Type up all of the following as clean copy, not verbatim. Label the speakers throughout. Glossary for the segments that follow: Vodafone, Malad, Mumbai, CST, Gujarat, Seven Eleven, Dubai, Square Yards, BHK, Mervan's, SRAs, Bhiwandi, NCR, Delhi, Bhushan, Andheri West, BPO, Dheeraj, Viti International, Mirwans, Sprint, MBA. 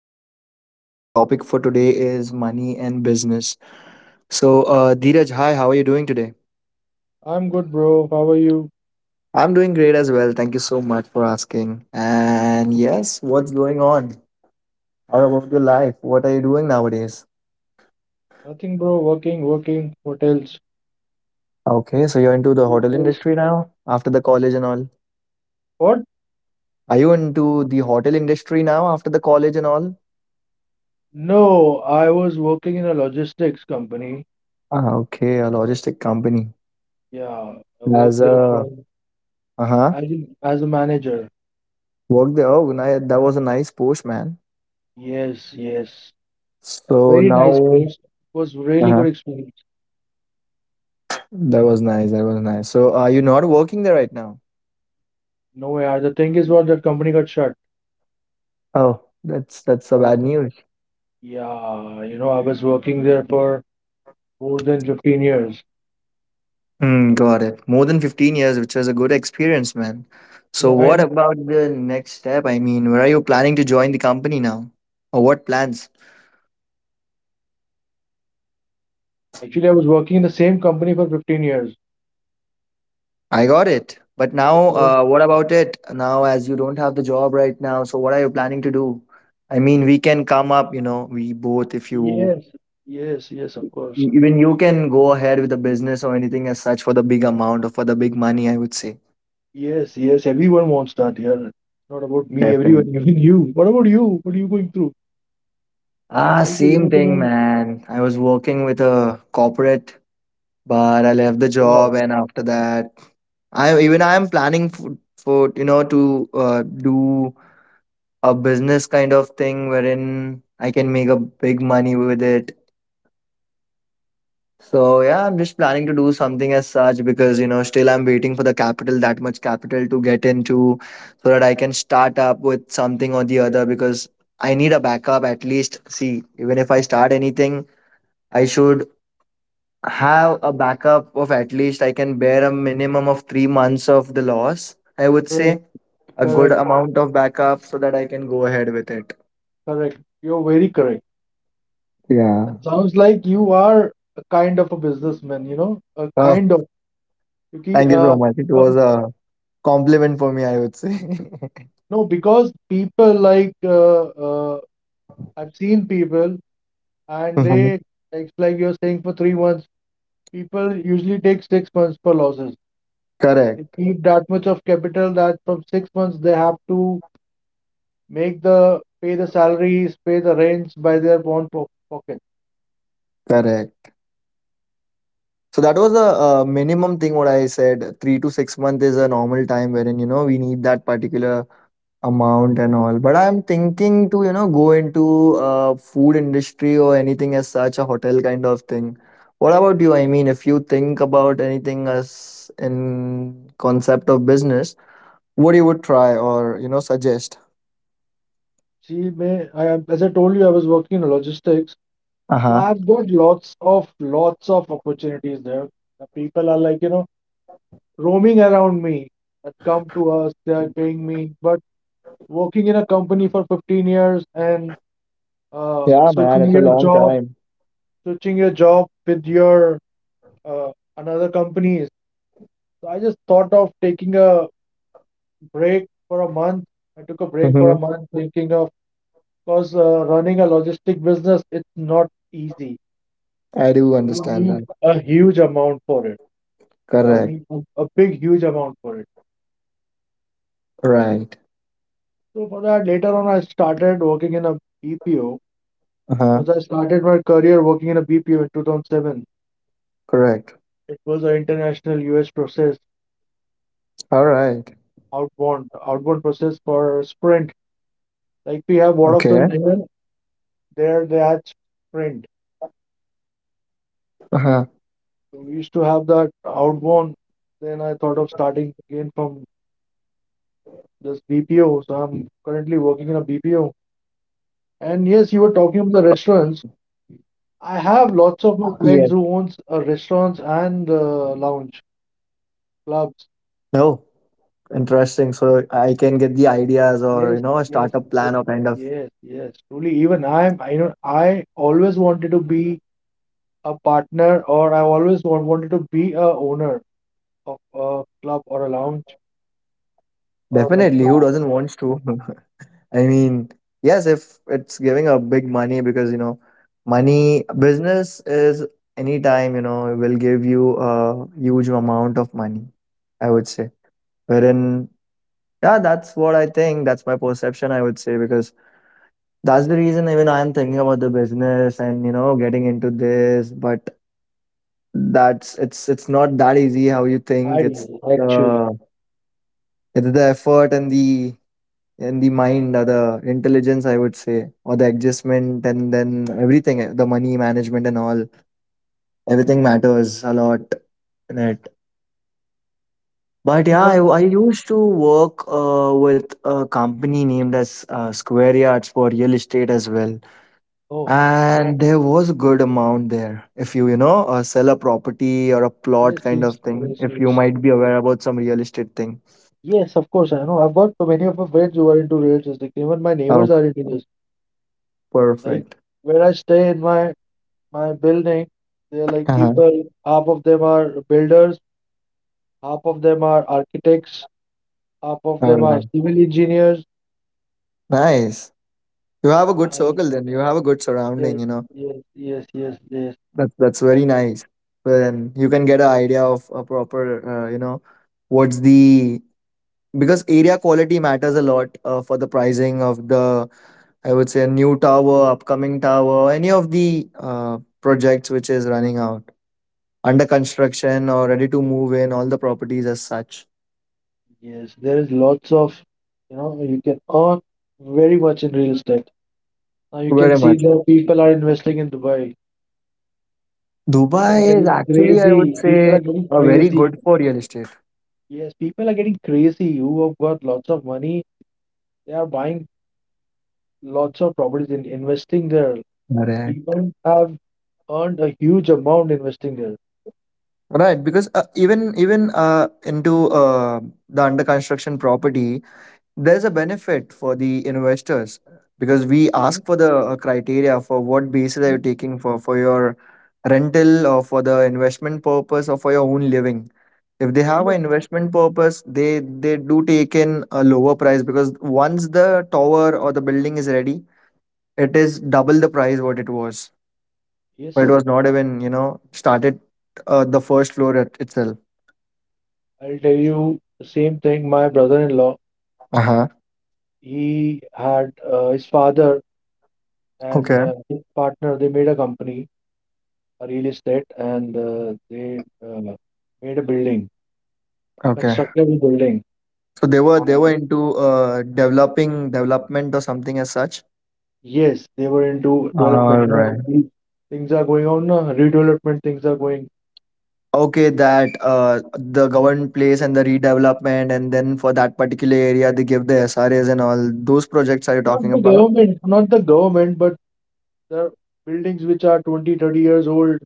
Speaker 1: Bhushan, and my topic for today is money and business. So, Dheeraj, hi, how are you doing today?
Speaker 2: I'm good, bro. How are you?
Speaker 1: I'm doing great as well. Thank you so much for asking. And yes, what's going on? How about your life? What are you doing nowadays?
Speaker 2: Nothing, bro. Working, working. What else?
Speaker 1: Okay, so you're into the hotel
Speaker 2: Hotels.
Speaker 1: industry now after the college and all.
Speaker 2: What?
Speaker 1: Are you into the hotel industry now after the college and all?
Speaker 2: No, I was working in a logistics company.
Speaker 1: Ah, okay, a logistic company.
Speaker 2: Yeah, I worked
Speaker 1: As
Speaker 2: there
Speaker 1: a
Speaker 2: for
Speaker 1: uh huh,
Speaker 2: as a manager.
Speaker 1: work there. Oh, that was a nice post, man.
Speaker 2: Yes, yes. A
Speaker 1: So
Speaker 2: very nice
Speaker 1: now.
Speaker 2: post. It was really
Speaker 1: Uh-huh.
Speaker 2: good experience.
Speaker 1: That was nice. That was nice. So, are you not working there right now?
Speaker 2: No, yeah. The thing is, what that company got shut.
Speaker 1: Oh, that's a bad
Speaker 2: Oh,
Speaker 1: news.
Speaker 2: yeah. You know, I was working there for more than 15 years.
Speaker 1: Mm, got it. More than 15 years, which was a good experience, man. So, what
Speaker 2: And
Speaker 1: about the next step? I mean, where are you planning to join the company now? Or what plans?
Speaker 2: actually, I was working in the same company for 15 years.
Speaker 1: I got it. But
Speaker 2: It
Speaker 1: now,
Speaker 2: was.
Speaker 1: what about it? Now, as you don't have the job right now, so what are you planning to do? I mean, we can come up, you know, we both, if you
Speaker 2: Yes, yes, yes, of course.
Speaker 1: even you can go ahead with the business or anything as such for the big amount or for the big money, I would say.
Speaker 2: Yes, yes, everyone wants that. Yeah, it's not about me, everyone,
Speaker 1: Definitely.
Speaker 2: even you. What about you? What are you going through?
Speaker 1: Ah,
Speaker 2: Okay,
Speaker 1: same
Speaker 2: you
Speaker 1: thing,
Speaker 2: know,
Speaker 1: man. I was working with a corporate, but I left the job,
Speaker 2: wow,
Speaker 1: and after that, I am planning for, you know, to do a business kind of thing wherein I can make a big money with it. So yeah, I'm just planning to do something as such because you know still I'm waiting for the capital, that much capital to get into, so that I can start up with something or the other because I need a backup at least. See, even if I start anything. I should have a backup of at least I can bear a minimum of 3 months of the loss. I would
Speaker 2: correct,
Speaker 1: say a good
Speaker 2: correct,
Speaker 1: amount of backup so that I can go ahead with it.
Speaker 2: correct. You're very correct.
Speaker 1: Yeah.
Speaker 2: It sounds like you are a kind of a businessman, you know, a
Speaker 1: Oh,
Speaker 2: kind of. Because,
Speaker 1: thank you
Speaker 2: uh,
Speaker 1: so much. It was
Speaker 2: because,
Speaker 1: a compliment for me, I would say.
Speaker 2: no, because people like I've seen people and
Speaker 1: Mhm.
Speaker 2: they, it's like you're saying for 3 months, people usually take 6 months for losses. They
Speaker 1: Correct.
Speaker 2: keep that much of capital that from 6 months they have to make the pay the salaries, pay the rents by their own po pocket.
Speaker 1: Correct. So that was a, minimum thing what I said. 3 to 6 months is a normal time wherein you know we need that particular amount and all, but I'm thinking to, you know, go into food industry or anything as such, a hotel kind of thing. What about you? I mean, if you think about anything as in concept of business, what you would try or, you know, suggest.
Speaker 2: See, may I am as I told you, I was working in logistics, so
Speaker 1: Uh-huh.
Speaker 2: I've got lots of opportunities there. The people are like, roaming around me that come to us, they are paying me. But working in a company for 15 years and
Speaker 1: Yeah, man,
Speaker 2: switching
Speaker 1: it's a
Speaker 2: your
Speaker 1: long
Speaker 2: job,
Speaker 1: time.
Speaker 2: with your uh, another company. So I just thought of taking a break for a month. I took a break for
Speaker 1: Mm-hmm.
Speaker 2: a month thinking of, because running a logistic business, it's not easy.
Speaker 1: I do
Speaker 2: You
Speaker 1: understand
Speaker 2: need
Speaker 1: that.
Speaker 2: a huge amount for it. I
Speaker 1: Correct.
Speaker 2: need a big, huge amount for it.
Speaker 1: Right.
Speaker 2: So for that, later on, I started working in a BPO
Speaker 1: Uh-huh.
Speaker 2: because I started my career working in a BPO in 2007.
Speaker 1: Correct.
Speaker 2: It was an international US process,
Speaker 1: All right.
Speaker 2: outbound process for Sprint. Like we have
Speaker 1: Okay.
Speaker 2: Vodafone here, there they had Sprint.
Speaker 1: Uh-huh.
Speaker 2: So we used to have that outbound. Then I thought of starting again from this BPO. So I'm currently working in a BPO. And yes, you were talking about the restaurants. I have lots of my
Speaker 1: Yes.
Speaker 2: friends who owns restaurants and lounge clubs.
Speaker 1: No. Interesting. So I can get the ideas or,
Speaker 2: Yes,
Speaker 1: you know, a
Speaker 2: yes,
Speaker 1: startup
Speaker 2: yes,
Speaker 1: plan or kind of.
Speaker 2: yes, yes. Truly, even I'm. I know. I always wanted to be a partner, or I always wanted to be a owner of a club or a lounge or a
Speaker 1: Definitely. Who
Speaker 2: restaurant.
Speaker 1: doesn't want to? I mean, yes, if it's giving a big money because, you know, money business is anytime, you know, it will give you a huge amount of money, I would say. Wherein, yeah, that's what I think. That's my perception, I would say, because that's the reason even I'm thinking about the business and, you know, getting into this. But that's, it's not that easy how you think.
Speaker 2: I
Speaker 1: It's
Speaker 2: do actually.
Speaker 1: uh it's the effort and the mind or the intelligence, I would say, or the adjustment and then everything, the money management and all, everything matters a lot in it. But
Speaker 2: See
Speaker 1: yeah, I,
Speaker 2: what?
Speaker 1: I used to work with a company named as Square Yards for real estate as well. And there was a good amount there. If you, you know, sell a property or a plot
Speaker 2: Yes,
Speaker 1: kind
Speaker 2: yes,
Speaker 1: of thing,
Speaker 2: yes,
Speaker 1: if you
Speaker 2: yes.
Speaker 1: might be aware about some real estate thing.
Speaker 2: Yes, of course, I know. I've got so many of my friends who are into real estate. Like, even my neighbors
Speaker 1: Oh,
Speaker 2: are into this. Like,
Speaker 1: perfect.
Speaker 2: where I stay in my building, they're like
Speaker 1: Uh-huh.
Speaker 2: people, half of them are builders, half of them are architects, half of
Speaker 1: All
Speaker 2: them are
Speaker 1: right.
Speaker 2: civil engineers.
Speaker 1: Nice. You have a good
Speaker 2: And
Speaker 1: circle then. You have a good surrounding,
Speaker 2: yes,
Speaker 1: you know.
Speaker 2: yes, yes, yes, yes.
Speaker 1: That's very
Speaker 2: And
Speaker 1: nice. Then you can get an idea of a proper, you know, what's the, because area quality matters a lot for the pricing of the, I would say, new tower, upcoming tower, any of the projects which is running out, under construction or ready to move in, all the properties as such.
Speaker 2: yes, there is lots of, you can earn very much in real estate. Now you can
Speaker 1: Very
Speaker 2: see
Speaker 1: much.
Speaker 2: the people are investing in Dubai. People are
Speaker 1: Dubai is
Speaker 2: getting
Speaker 1: actually, I would
Speaker 2: crazy. People are
Speaker 1: say,
Speaker 2: getting
Speaker 1: very
Speaker 2: crazy.
Speaker 1: good for real estate.
Speaker 2: Yes, people are getting crazy who have got lots of money. They are buying lots of properties and investing there. And
Speaker 1: Correct.
Speaker 2: people have earned a huge amount investing there.
Speaker 1: Right, because even into the under construction property, there's a benefit for the investors because we
Speaker 2: Mm,
Speaker 1: ask for the criteria for what basis are
Speaker 2: mm,
Speaker 1: you taking for your rental or for the investment purpose or for your own living. If they have
Speaker 2: yeah.
Speaker 1: an investment purpose, they do take in a lower price because once the tower or the building is ready, it is double the price what it was.
Speaker 2: Yes,
Speaker 1: But it was not even, you know, started the first floor itself.
Speaker 2: I'll tell you the same thing. My brother-in-law,
Speaker 1: Uh-huh.
Speaker 2: he had his father and
Speaker 1: Okay.
Speaker 2: his partner, they made a company, a real estate, and they made a building,
Speaker 1: Okay.
Speaker 2: constructed a building.
Speaker 1: So they were, they were into developing, development or something as such.
Speaker 2: Yes, they were into development.
Speaker 1: All
Speaker 2: Now
Speaker 1: right.
Speaker 2: things are going on, redevelopment things are going.
Speaker 1: Okay, that the government place and the redevelopment and then for that particular area they give the SRAs and all those projects, are you
Speaker 2: Not
Speaker 1: talking
Speaker 2: the
Speaker 1: about?
Speaker 2: government, not the government, but the buildings which are 20, 30 years old,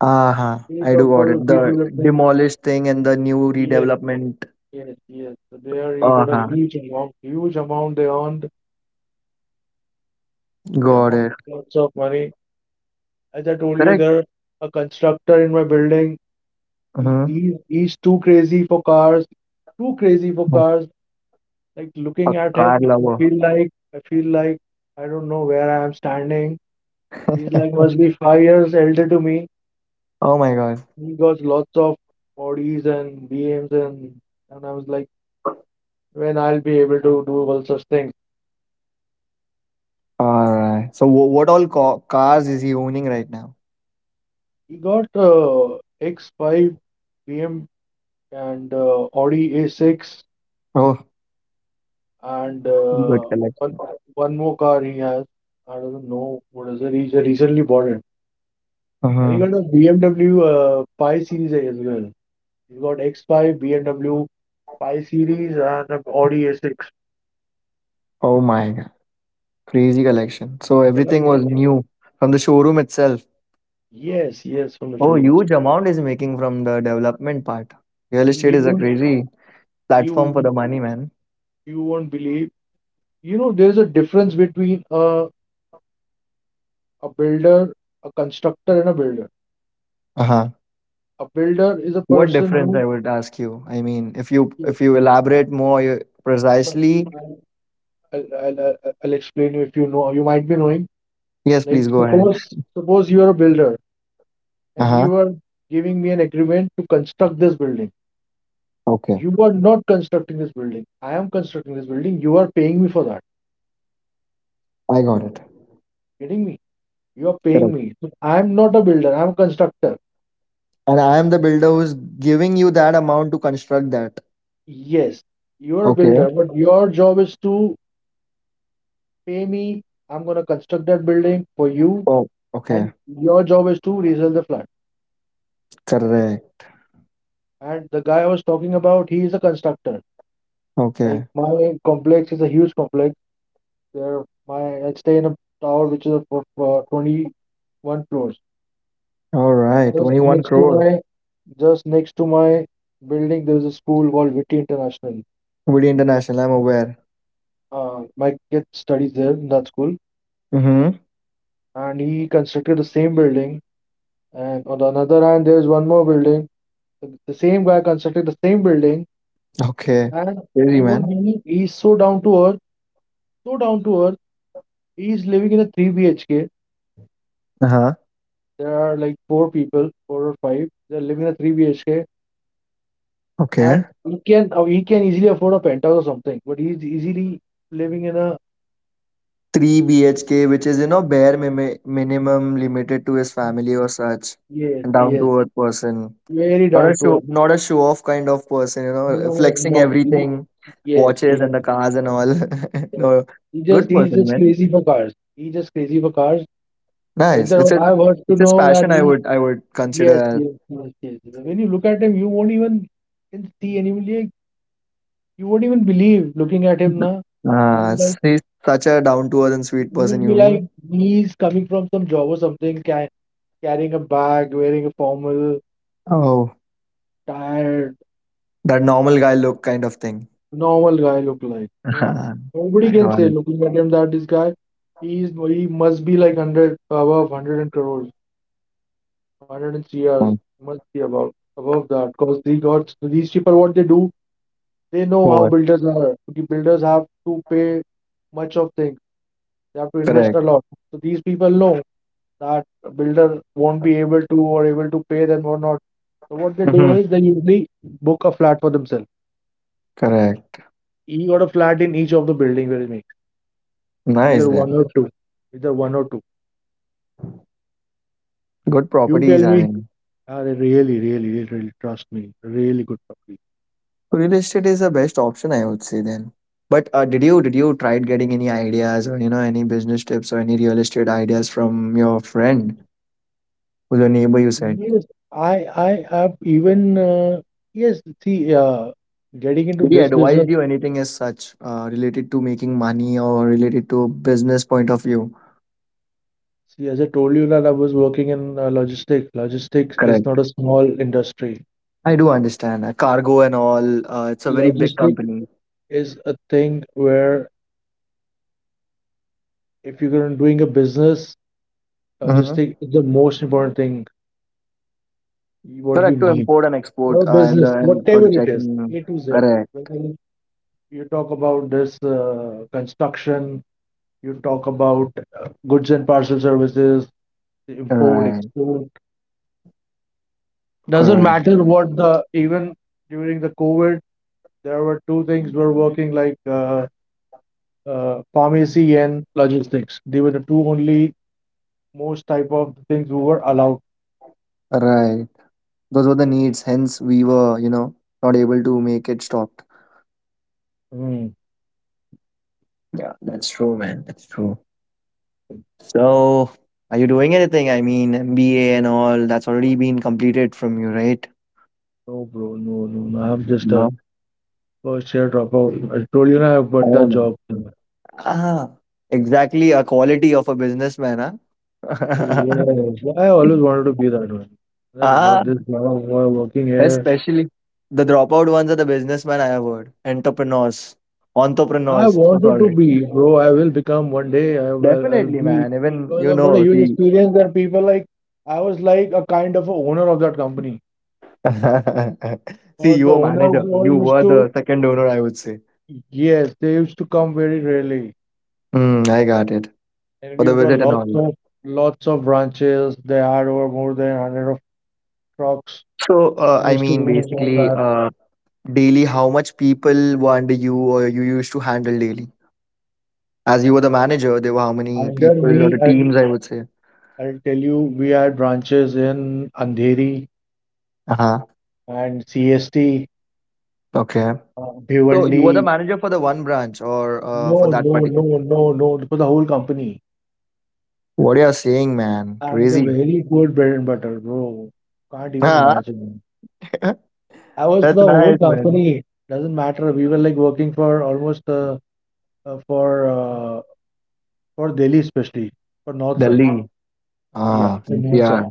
Speaker 1: Uh-huh.
Speaker 2: they need
Speaker 1: I do
Speaker 2: of
Speaker 1: got
Speaker 2: for
Speaker 1: it. The
Speaker 2: redevelopment.
Speaker 1: demolished thing and the new
Speaker 2: Yes,
Speaker 1: redevelopment.
Speaker 2: yes, yes. So they are he got a
Speaker 1: Uh-huh.
Speaker 2: huge amount they earned. They
Speaker 1: Got
Speaker 2: amount
Speaker 1: it.
Speaker 2: lots of money. As I told you,
Speaker 1: Correct.
Speaker 2: there a constructor in my building. He,
Speaker 1: Mm-hmm.
Speaker 2: he, he's too crazy for cars, too crazy for cars. Like
Speaker 1: A
Speaker 2: looking at
Speaker 1: car
Speaker 2: him, I
Speaker 1: lover.
Speaker 2: feel like I feel like I don't know where I am standing. He's like must be 5 years elder to me.
Speaker 1: Oh my god.
Speaker 2: He got lots of bodies and BMs and I was like, when I'll be able to do all such things.
Speaker 1: Alright. So what all ca cars is he owning right now?
Speaker 2: He got X5 BM and Audi A6
Speaker 1: Oh.
Speaker 2: and
Speaker 1: Good
Speaker 2: one
Speaker 1: collection.
Speaker 2: one more car he has. I don't know what is it. He just recently bought it. And he got
Speaker 1: Uh-huh.
Speaker 2: a BMW 5 Series A as well. He's got X5, BMW 5 Series, and Audi A6.
Speaker 1: Oh my god. Crazy collection. So
Speaker 2: People are
Speaker 1: everything was
Speaker 2: crazy.
Speaker 1: new from the showroom itself.
Speaker 2: Yes, yes, from the
Speaker 1: Oh,
Speaker 2: showrooms.
Speaker 1: huge amount is making from the development part. Real
Speaker 2: And
Speaker 1: estate is a crazy platform for the
Speaker 2: you
Speaker 1: money, man.
Speaker 2: you won't believe. You know, there is a difference between a builder, a constructor, and a builder.
Speaker 1: Uh-huh.
Speaker 2: A builder is a
Speaker 1: What
Speaker 2: person
Speaker 1: difference I
Speaker 2: who.
Speaker 1: would ask you? I mean, if you,
Speaker 2: Yes,
Speaker 1: elaborate more
Speaker 2: no,
Speaker 1: precisely,
Speaker 2: I'll, I'll, I'll I'll explain you if you know. You might be knowing.
Speaker 1: yes,
Speaker 2: Like
Speaker 1: please go ahead.
Speaker 2: suppose you are a builder and
Speaker 1: Uh-huh.
Speaker 2: you are giving me an agreement to construct this building.
Speaker 1: Okay.
Speaker 2: You are not constructing this building. I am constructing this building. You are paying me for that.
Speaker 1: I got it.
Speaker 2: Getting me? You are paying
Speaker 1: Correct.
Speaker 2: me. So I am not a builder. I am a constructor.
Speaker 1: And I am the builder who's giving you that amount to construct that.
Speaker 2: Yes, you are a builder,
Speaker 1: Okay.
Speaker 2: but your job is to pay me. I'm gonna construct that building for you,
Speaker 1: Oh, okay.
Speaker 2: and your job is to resell the flat.
Speaker 1: Correct.
Speaker 2: And the guy I was talking about, he is a constructor. Like
Speaker 1: Okay.
Speaker 2: my complex is a huge complex. There, my I stay in a tower which is of 21 floors.
Speaker 1: All
Speaker 2: And
Speaker 1: right.
Speaker 2: just
Speaker 1: 21
Speaker 2: next to
Speaker 1: crore.
Speaker 2: my just next to my building, there is a school called Viti International.
Speaker 1: Pretty international, I'm aware.
Speaker 2: My kid studies there in that school,
Speaker 1: Mm-hmm.
Speaker 2: and he constructed the same building. And on the another hand, there's one more building. The same guy constructed the same building,
Speaker 1: Okay.
Speaker 2: and
Speaker 1: Crazy,
Speaker 2: you won't
Speaker 1: man.
Speaker 2: believe he's so down to earth, so down to earth. He's living in a 3 BHK.
Speaker 1: Uh-huh.
Speaker 2: There are like four people, four or five. They're living in a 3 BHK,
Speaker 1: Okay.
Speaker 2: and he can easily afford a penthouse or something, but he's easily living in a.
Speaker 1: 3 BHK, which is, you know, bare mimi minimum limited to his family or such.
Speaker 2: Yes,
Speaker 1: And down
Speaker 2: yes,
Speaker 1: to earth person.
Speaker 2: very
Speaker 1: Not a
Speaker 2: down to
Speaker 1: show,
Speaker 2: earth.
Speaker 1: not a show off kind of person, you know,
Speaker 2: No,
Speaker 1: flexing
Speaker 2: not he-
Speaker 1: everything,
Speaker 2: yes,
Speaker 1: watches
Speaker 2: yes,
Speaker 1: and the cars and all.
Speaker 2: yes.
Speaker 1: No,
Speaker 2: He
Speaker 1: good
Speaker 2: just he's
Speaker 1: person,
Speaker 2: just
Speaker 1: man.
Speaker 2: crazy for cars. He just crazy for cars.
Speaker 1: Nice.
Speaker 2: Either
Speaker 1: It's a,
Speaker 2: I've heard to
Speaker 1: it's his
Speaker 2: know that
Speaker 1: passion.
Speaker 2: he.
Speaker 1: I would consider
Speaker 2: Yes,
Speaker 1: as.
Speaker 2: yes, yes, yes. When you look at him, you won't even can see and you will like you won't even believe looking at him now. You'll be like
Speaker 1: She's such a down to earth and
Speaker 2: you
Speaker 1: sweet
Speaker 2: will
Speaker 1: person,
Speaker 2: be
Speaker 1: you
Speaker 2: like
Speaker 1: mean?
Speaker 2: he's coming from some job or something, ca carrying a bag, wearing a formal
Speaker 1: Oh,
Speaker 2: attire,
Speaker 1: that normal guy look kind of thing.
Speaker 2: normal guy look like. Huh.
Speaker 1: Ah,
Speaker 2: Nobody
Speaker 1: I
Speaker 2: can
Speaker 1: got
Speaker 2: say
Speaker 1: it.
Speaker 2: looking at him that this guy, he must be like hundred above hundred and crores, hundred and CRs
Speaker 1: Oh,
Speaker 2: must be above that because they got these people what they do they know how
Speaker 1: what?
Speaker 2: builders are. The builders have to pay much of things. They have to invest
Speaker 1: Correct.
Speaker 2: a lot. So these people know that a builder won't be able to or able to pay them or not. So what they do
Speaker 1: Hmm.
Speaker 2: is they usually book a flat for themselves.
Speaker 1: Correct.
Speaker 2: He got a flat in each of the building where he.
Speaker 1: Nice
Speaker 2: Either one
Speaker 1: then.
Speaker 2: or two. Either one or two.
Speaker 1: Good
Speaker 2: You
Speaker 1: properties
Speaker 2: tell
Speaker 1: are
Speaker 2: me.
Speaker 1: in.
Speaker 2: Really, really, really, really, trust me. Really good puppy.
Speaker 1: Real estate is the best option, I would say then. But uh, did you tried getting any ideas or you know any business tips or any real estate ideas from your friend or your neighbor? You said
Speaker 2: Yes, I have even. Yes, see, getting into
Speaker 1: did he
Speaker 2: this
Speaker 1: advise
Speaker 2: business.
Speaker 1: you anything as such related to making money or related to business point of view?
Speaker 2: See, as I told you that I was working in logistics. Logistics is not
Speaker 1: Correct.
Speaker 2: a small industry.
Speaker 1: I do understand. Cargo and all, it's a very big
Speaker 2: Logistics
Speaker 1: company.
Speaker 2: is a thing where if you're gonna doing a business,
Speaker 1: Mm-hmm.
Speaker 2: logistics is the most important thing. What you
Speaker 1: Correct, to
Speaker 2: need
Speaker 1: import and
Speaker 2: for
Speaker 1: export
Speaker 2: a
Speaker 1: uh, and, the,
Speaker 2: business,
Speaker 1: and for
Speaker 2: whatever
Speaker 1: the
Speaker 2: it is,
Speaker 1: checking.
Speaker 2: A to Z.
Speaker 1: Correct.
Speaker 2: You talk about this construction, you talk about goods and parcel services, import,
Speaker 1: Right,
Speaker 2: export. Doesn't
Speaker 1: correct,
Speaker 2: matter even during the COVID, there were two things were working like pharmacy and logistics. They were the two only most type of things we were allowed.
Speaker 1: right. Those were the needs, hence we were, you know, not able to make it stopped.
Speaker 2: Hmm.
Speaker 1: Yeah, that's true, man. That's true. So, are you doing anything? I mean, MBA and all, that's already been completed from you, right?
Speaker 2: No, bro, no, no, no. I'm just a
Speaker 1: No.
Speaker 2: first year dropout. I told you now I've got
Speaker 1: Oh,
Speaker 2: that
Speaker 1: no.
Speaker 2: job.
Speaker 1: Ah, exactly a quality of a businessman, huh?
Speaker 2: Yes, I always wanted to be that one. That's
Speaker 1: Ah,
Speaker 2: not this drama boy working here.
Speaker 1: especially the dropout ones are the businessmen I have heard. Entrepreneurs.
Speaker 2: I
Speaker 1: Entrepreneurs. So
Speaker 2: wanted to
Speaker 1: sorry.
Speaker 2: be, bro. I will become one day. I'll
Speaker 1: Definitely,
Speaker 2: be
Speaker 1: man. Even
Speaker 2: because
Speaker 1: you
Speaker 2: I've got a
Speaker 1: know,
Speaker 2: huge
Speaker 1: see.
Speaker 2: experience that people like. I was like a kind of a owner of that company.
Speaker 1: See,
Speaker 2: Because
Speaker 1: you
Speaker 2: the
Speaker 1: were manager.
Speaker 2: owners were
Speaker 1: You
Speaker 2: used
Speaker 1: were the
Speaker 2: to,
Speaker 1: second owner, I would say.
Speaker 2: yes, they used to come very rarely,
Speaker 1: Mm, I got it.
Speaker 2: and
Speaker 1: For the
Speaker 2: we've got
Speaker 1: visit and
Speaker 2: lots
Speaker 1: all.
Speaker 2: of lots of branches. They had over more than hundred of trucks.
Speaker 1: So I
Speaker 2: Used to
Speaker 1: mean
Speaker 2: manage all
Speaker 1: basically
Speaker 2: that
Speaker 1: daily how much people were under you or you used to handle daily? As you were the manager, there were how many
Speaker 2: under
Speaker 1: people or
Speaker 2: me.
Speaker 1: the
Speaker 2: And.
Speaker 1: teams, I would say.
Speaker 2: I'll tell you, we had branches in Andheri
Speaker 1: Uh-huh.
Speaker 2: and CST,
Speaker 1: Okay. So you were the
Speaker 2: Bhiwandi.
Speaker 1: manager for the one branch or
Speaker 2: No,
Speaker 1: for that
Speaker 2: no,
Speaker 1: particular.
Speaker 2: no, no, no, for the whole company.
Speaker 1: What you are saying, man?
Speaker 2: I had a
Speaker 1: Crazy.
Speaker 2: very good bread and butter, bro. Can't even imagine.
Speaker 1: Huh?
Speaker 2: I was for
Speaker 1: That's
Speaker 2: the whole
Speaker 1: nice, man.
Speaker 2: company. Doesn't matter. We were like working for almost uh, for uh, for Delhi especially for north side.
Speaker 1: Delhi.
Speaker 2: Yeah,
Speaker 1: Ah,
Speaker 2: for north side,
Speaker 1: NCR.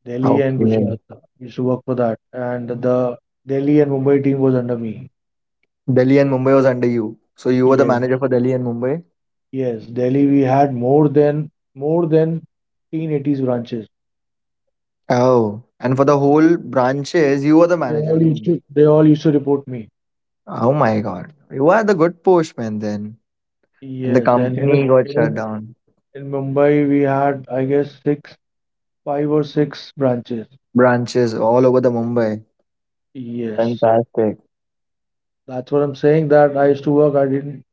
Speaker 2: Delhi and
Speaker 1: Okay.
Speaker 2: Gujarat. I used to work for that, and the Delhi and Mumbai team was under me.
Speaker 1: Delhi and Mumbai was under you. So you were the
Speaker 2: Yes.
Speaker 1: manager for Delhi and Mumbai?
Speaker 2: Yes, Delhi we had more than 1080s branches.
Speaker 1: Oh. And for the whole branches, you were the
Speaker 2: They
Speaker 1: manager,
Speaker 2: all
Speaker 1: you
Speaker 2: used
Speaker 1: mean?
Speaker 2: to they all used to report me.
Speaker 1: Oh my god. You are the good postman then. And the
Speaker 2: Yes, and here,
Speaker 1: company got shut
Speaker 2: here
Speaker 1: down.
Speaker 2: in Mumbai we had, I guess, six five or six branches.
Speaker 1: Branches all over the Mumbai.
Speaker 2: Yes.
Speaker 1: Fantastic.
Speaker 2: That's what I'm saying, that I used to work. I didn't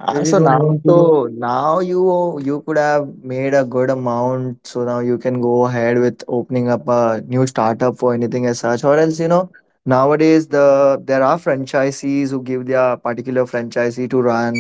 Speaker 1: Ah,
Speaker 2: really
Speaker 1: so
Speaker 2: don't
Speaker 1: now,
Speaker 2: want to.
Speaker 1: so now you could have made a good amount. So now you can go ahead with opening up a new startup for anything as such, or else you know nowadays there are franchisees who give their particular franchisee to run.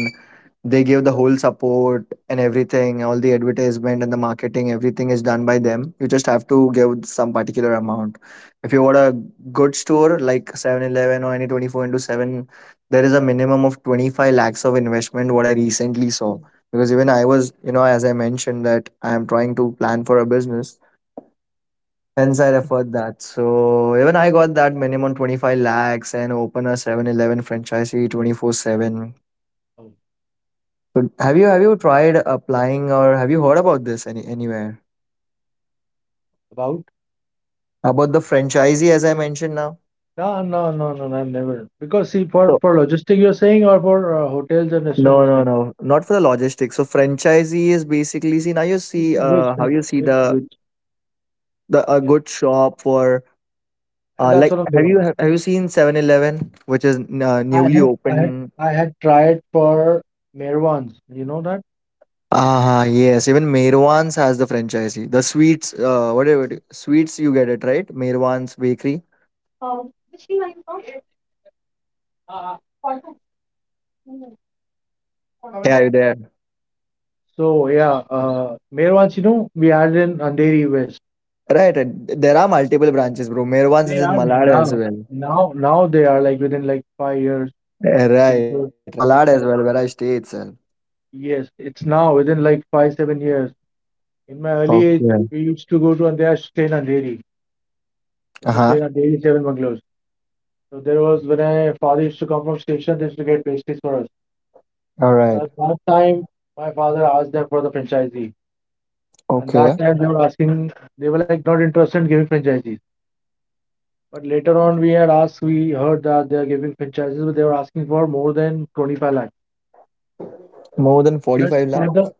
Speaker 1: They give the whole support and everything, all the advertisement and the marketing, everything is done by them. You just have to give some particular amount. If you want a good store like 7-Eleven or any 24 into 7, there is a minimum of 25 lakhs of investment, what I recently saw. Because even I was, you know, as I mentioned, that I am trying to plan for a business. Hence, I referred that. So even I got that minimum 25 lakhs and open a 7-Eleven franchisee 24/7.
Speaker 2: um,
Speaker 1: So have you tried applying or have you heard about this any anywhere?
Speaker 2: about?
Speaker 1: About the franchisee as I mentioned now?
Speaker 2: No, no, no, no, no, I've never, because see, for
Speaker 1: So
Speaker 2: for logistic you're saying, or for hotels and restaurants
Speaker 1: no,
Speaker 2: you're
Speaker 1: no,
Speaker 2: saying.
Speaker 1: no, not for the logistics. So franchisee is basically, see, now you see
Speaker 2: Which
Speaker 1: how
Speaker 2: which
Speaker 1: you see
Speaker 2: which which?
Speaker 1: the a
Speaker 2: Yes,
Speaker 1: good shop for
Speaker 2: and
Speaker 1: uh,
Speaker 2: that's
Speaker 1: like
Speaker 2: what I'm
Speaker 1: have you
Speaker 2: doing.
Speaker 1: have, have you seen 7-Eleven which is
Speaker 2: I
Speaker 1: newly
Speaker 2: had I had
Speaker 1: opened?
Speaker 2: I had tried for Mirwans, you know that?
Speaker 1: Ah yes, even Mervan's has the franchisee. The sweets, uh, sweets you get it, right. Mervan's bakery. Hey, are you there.
Speaker 2: So yeah, uh, Mirwans, you know, we had in Andheri West.
Speaker 1: Right, right. There are multiple branches, bro. Mirwan's is
Speaker 2: They
Speaker 1: in
Speaker 2: are
Speaker 1: Malad as
Speaker 2: now
Speaker 1: well.
Speaker 2: now now they are, like, within like 5 years. You can
Speaker 1: Right, right. It's in Malad as well, where I stay itself.
Speaker 2: yes, it's now within like five, 7 years. In my early age,
Speaker 1: Okay.
Speaker 2: we used to go to, and they are staying in Andheri. We
Speaker 1: Uh
Speaker 2: used to
Speaker 1: huh.
Speaker 2: stay in Andheri Seven Bungalows. So there was, when my father used to come from station, they used to get pastries for us.
Speaker 1: All
Speaker 2: So
Speaker 1: right.
Speaker 2: at that time my father asked them for the franchisee. And
Speaker 1: Okay.
Speaker 2: that time they were asking, they were like not interested in giving franchisees. But later on, we had asked, we heard that they are giving franchises, but they were asking for more than 25 lakh
Speaker 1: More than
Speaker 2: just
Speaker 1: 45
Speaker 2: for the,
Speaker 1: lakhs.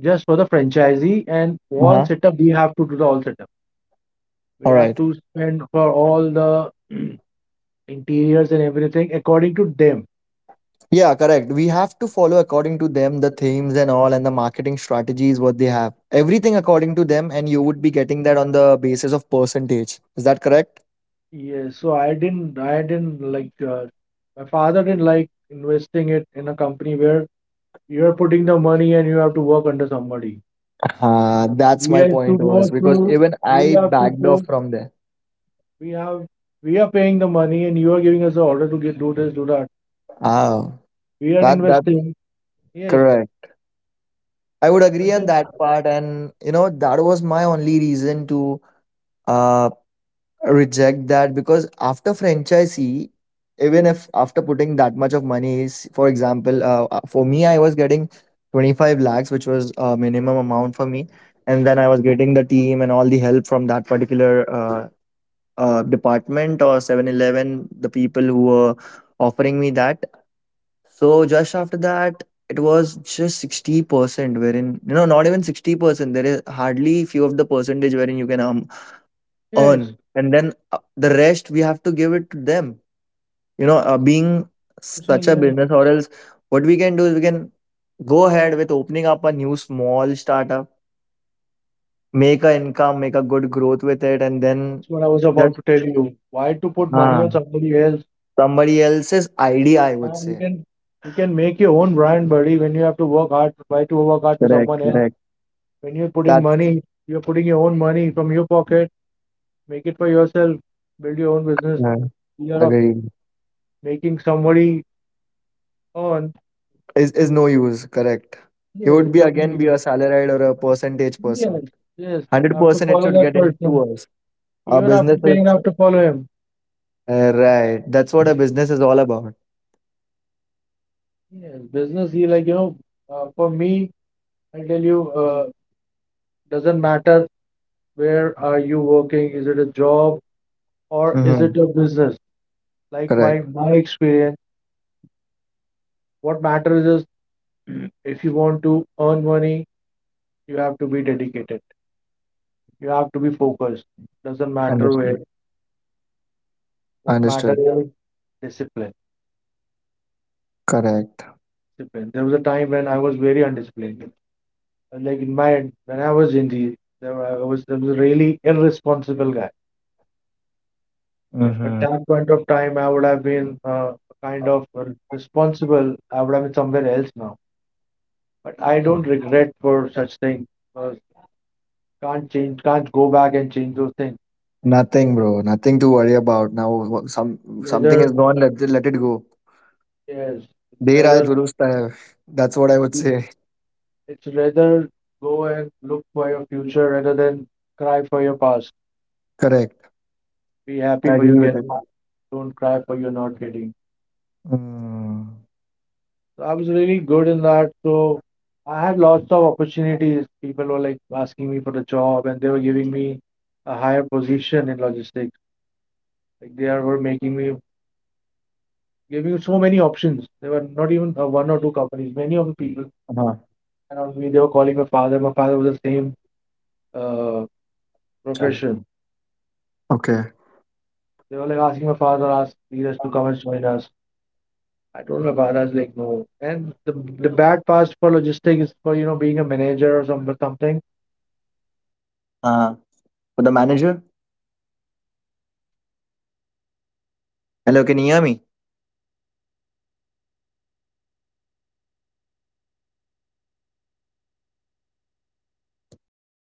Speaker 2: just for the franchisee and
Speaker 1: Uh
Speaker 2: all
Speaker 1: huh.
Speaker 2: setup. We have to do the all setup. We
Speaker 1: All
Speaker 2: have
Speaker 1: right.
Speaker 2: to spend for all the interiors and everything according to them.
Speaker 1: Yeah, correct. We have to follow according to them the themes and all, and the marketing strategies, what they have. Everything according to them, and you would be getting that on the basis of percentage. Is that correct?
Speaker 2: Yes. So I didn't like. My father didn't like investing it in a company where you are putting the money and you have to work under somebody.
Speaker 1: That's
Speaker 2: We
Speaker 1: my
Speaker 2: have to
Speaker 1: point was,
Speaker 2: go
Speaker 1: because
Speaker 2: through
Speaker 1: even
Speaker 2: we
Speaker 1: I
Speaker 2: have to
Speaker 1: backed off
Speaker 2: go
Speaker 1: from there.
Speaker 2: we have We are paying the money, and you are giving us the order to get, do this, do that.
Speaker 1: Oh,
Speaker 2: We are
Speaker 1: that's
Speaker 2: investing, yes,
Speaker 1: correct. I would agree
Speaker 2: but
Speaker 1: on
Speaker 2: then,
Speaker 1: that part, and you know that was my only reason to uh, reject that, because after franchisee, even if after putting that much of money, is, for example, for me I was getting 25 lakhs, which was a minimum amount for me, and then I was getting the team and all the help from that particular department or 7-Eleven, the people who were offering me that. So just after that, it was just 60%, wherein, you know, not even 60%, there is hardly few of the percentage wherein you can
Speaker 2: yes,
Speaker 1: earn. And then the rest, we have to give it to them. You know, being
Speaker 2: I'm
Speaker 1: such
Speaker 2: saying,
Speaker 1: a
Speaker 2: yes.
Speaker 1: business, or else what we can do is we can go ahead with opening up a new small startup, make a income, make a good growth with it, and then
Speaker 2: That's what I was about
Speaker 1: just
Speaker 2: to tell you: why to put money
Speaker 1: uh,
Speaker 2: on somebody else?
Speaker 1: somebody else's idea, I would
Speaker 2: And you
Speaker 1: say.
Speaker 2: can you can make your own brand, buddy. When you have to work hard, why to work hard for
Speaker 1: Correct,
Speaker 2: someone
Speaker 1: correct.
Speaker 2: else when you're putting
Speaker 1: That's
Speaker 2: money, you're putting your own money from your pocket? Make it for yourself. Build your own business.
Speaker 1: uh,
Speaker 2: You're
Speaker 1: agreed.
Speaker 2: making somebody on.
Speaker 1: Is no use, correct. He
Speaker 2: Yes,
Speaker 1: would
Speaker 2: it's
Speaker 1: be again be
Speaker 2: something.
Speaker 1: a salaried or a percentage person.
Speaker 2: Yes, yes. I have to
Speaker 1: 100% it
Speaker 2: follow
Speaker 1: should
Speaker 2: that
Speaker 1: get into
Speaker 2: person.
Speaker 1: us, our
Speaker 2: Even after
Speaker 1: business
Speaker 2: paying, I
Speaker 1: is.
Speaker 2: have to follow him.
Speaker 1: Right, that's what a business is all about.
Speaker 2: Yes, business, he like, for me, I tell you, doesn't matter where are you working, is it a job or is it
Speaker 1: Hmm.
Speaker 2: a business? Like
Speaker 1: Correct.
Speaker 2: my experience, what matters is, if you want to earn money, you have to be dedicated. You have to be focused. Doesn't matter where.
Speaker 1: Understood.
Speaker 2: What matters
Speaker 1: Understood.
Speaker 2: is discipline.
Speaker 1: Correct.
Speaker 2: Discipline. There was a time when I was very undisciplined. Like in my when I was in the there were- I was a really irresponsible guy. If at
Speaker 1: Hmm.
Speaker 2: that point of time I would have been kind of responsible, I would have been somewhere else now. But I don't regret for such things, because 'cause can't change, can't go back and
Speaker 1: Nothing, bro, nothing to worry about now. Some, something is gone, let it go. There are durusta hai, that's what I would say. Correct. I agree with it. Mm. Uh-huh. Chalo. Okay. uh, for the manager. Hello, can you hear me?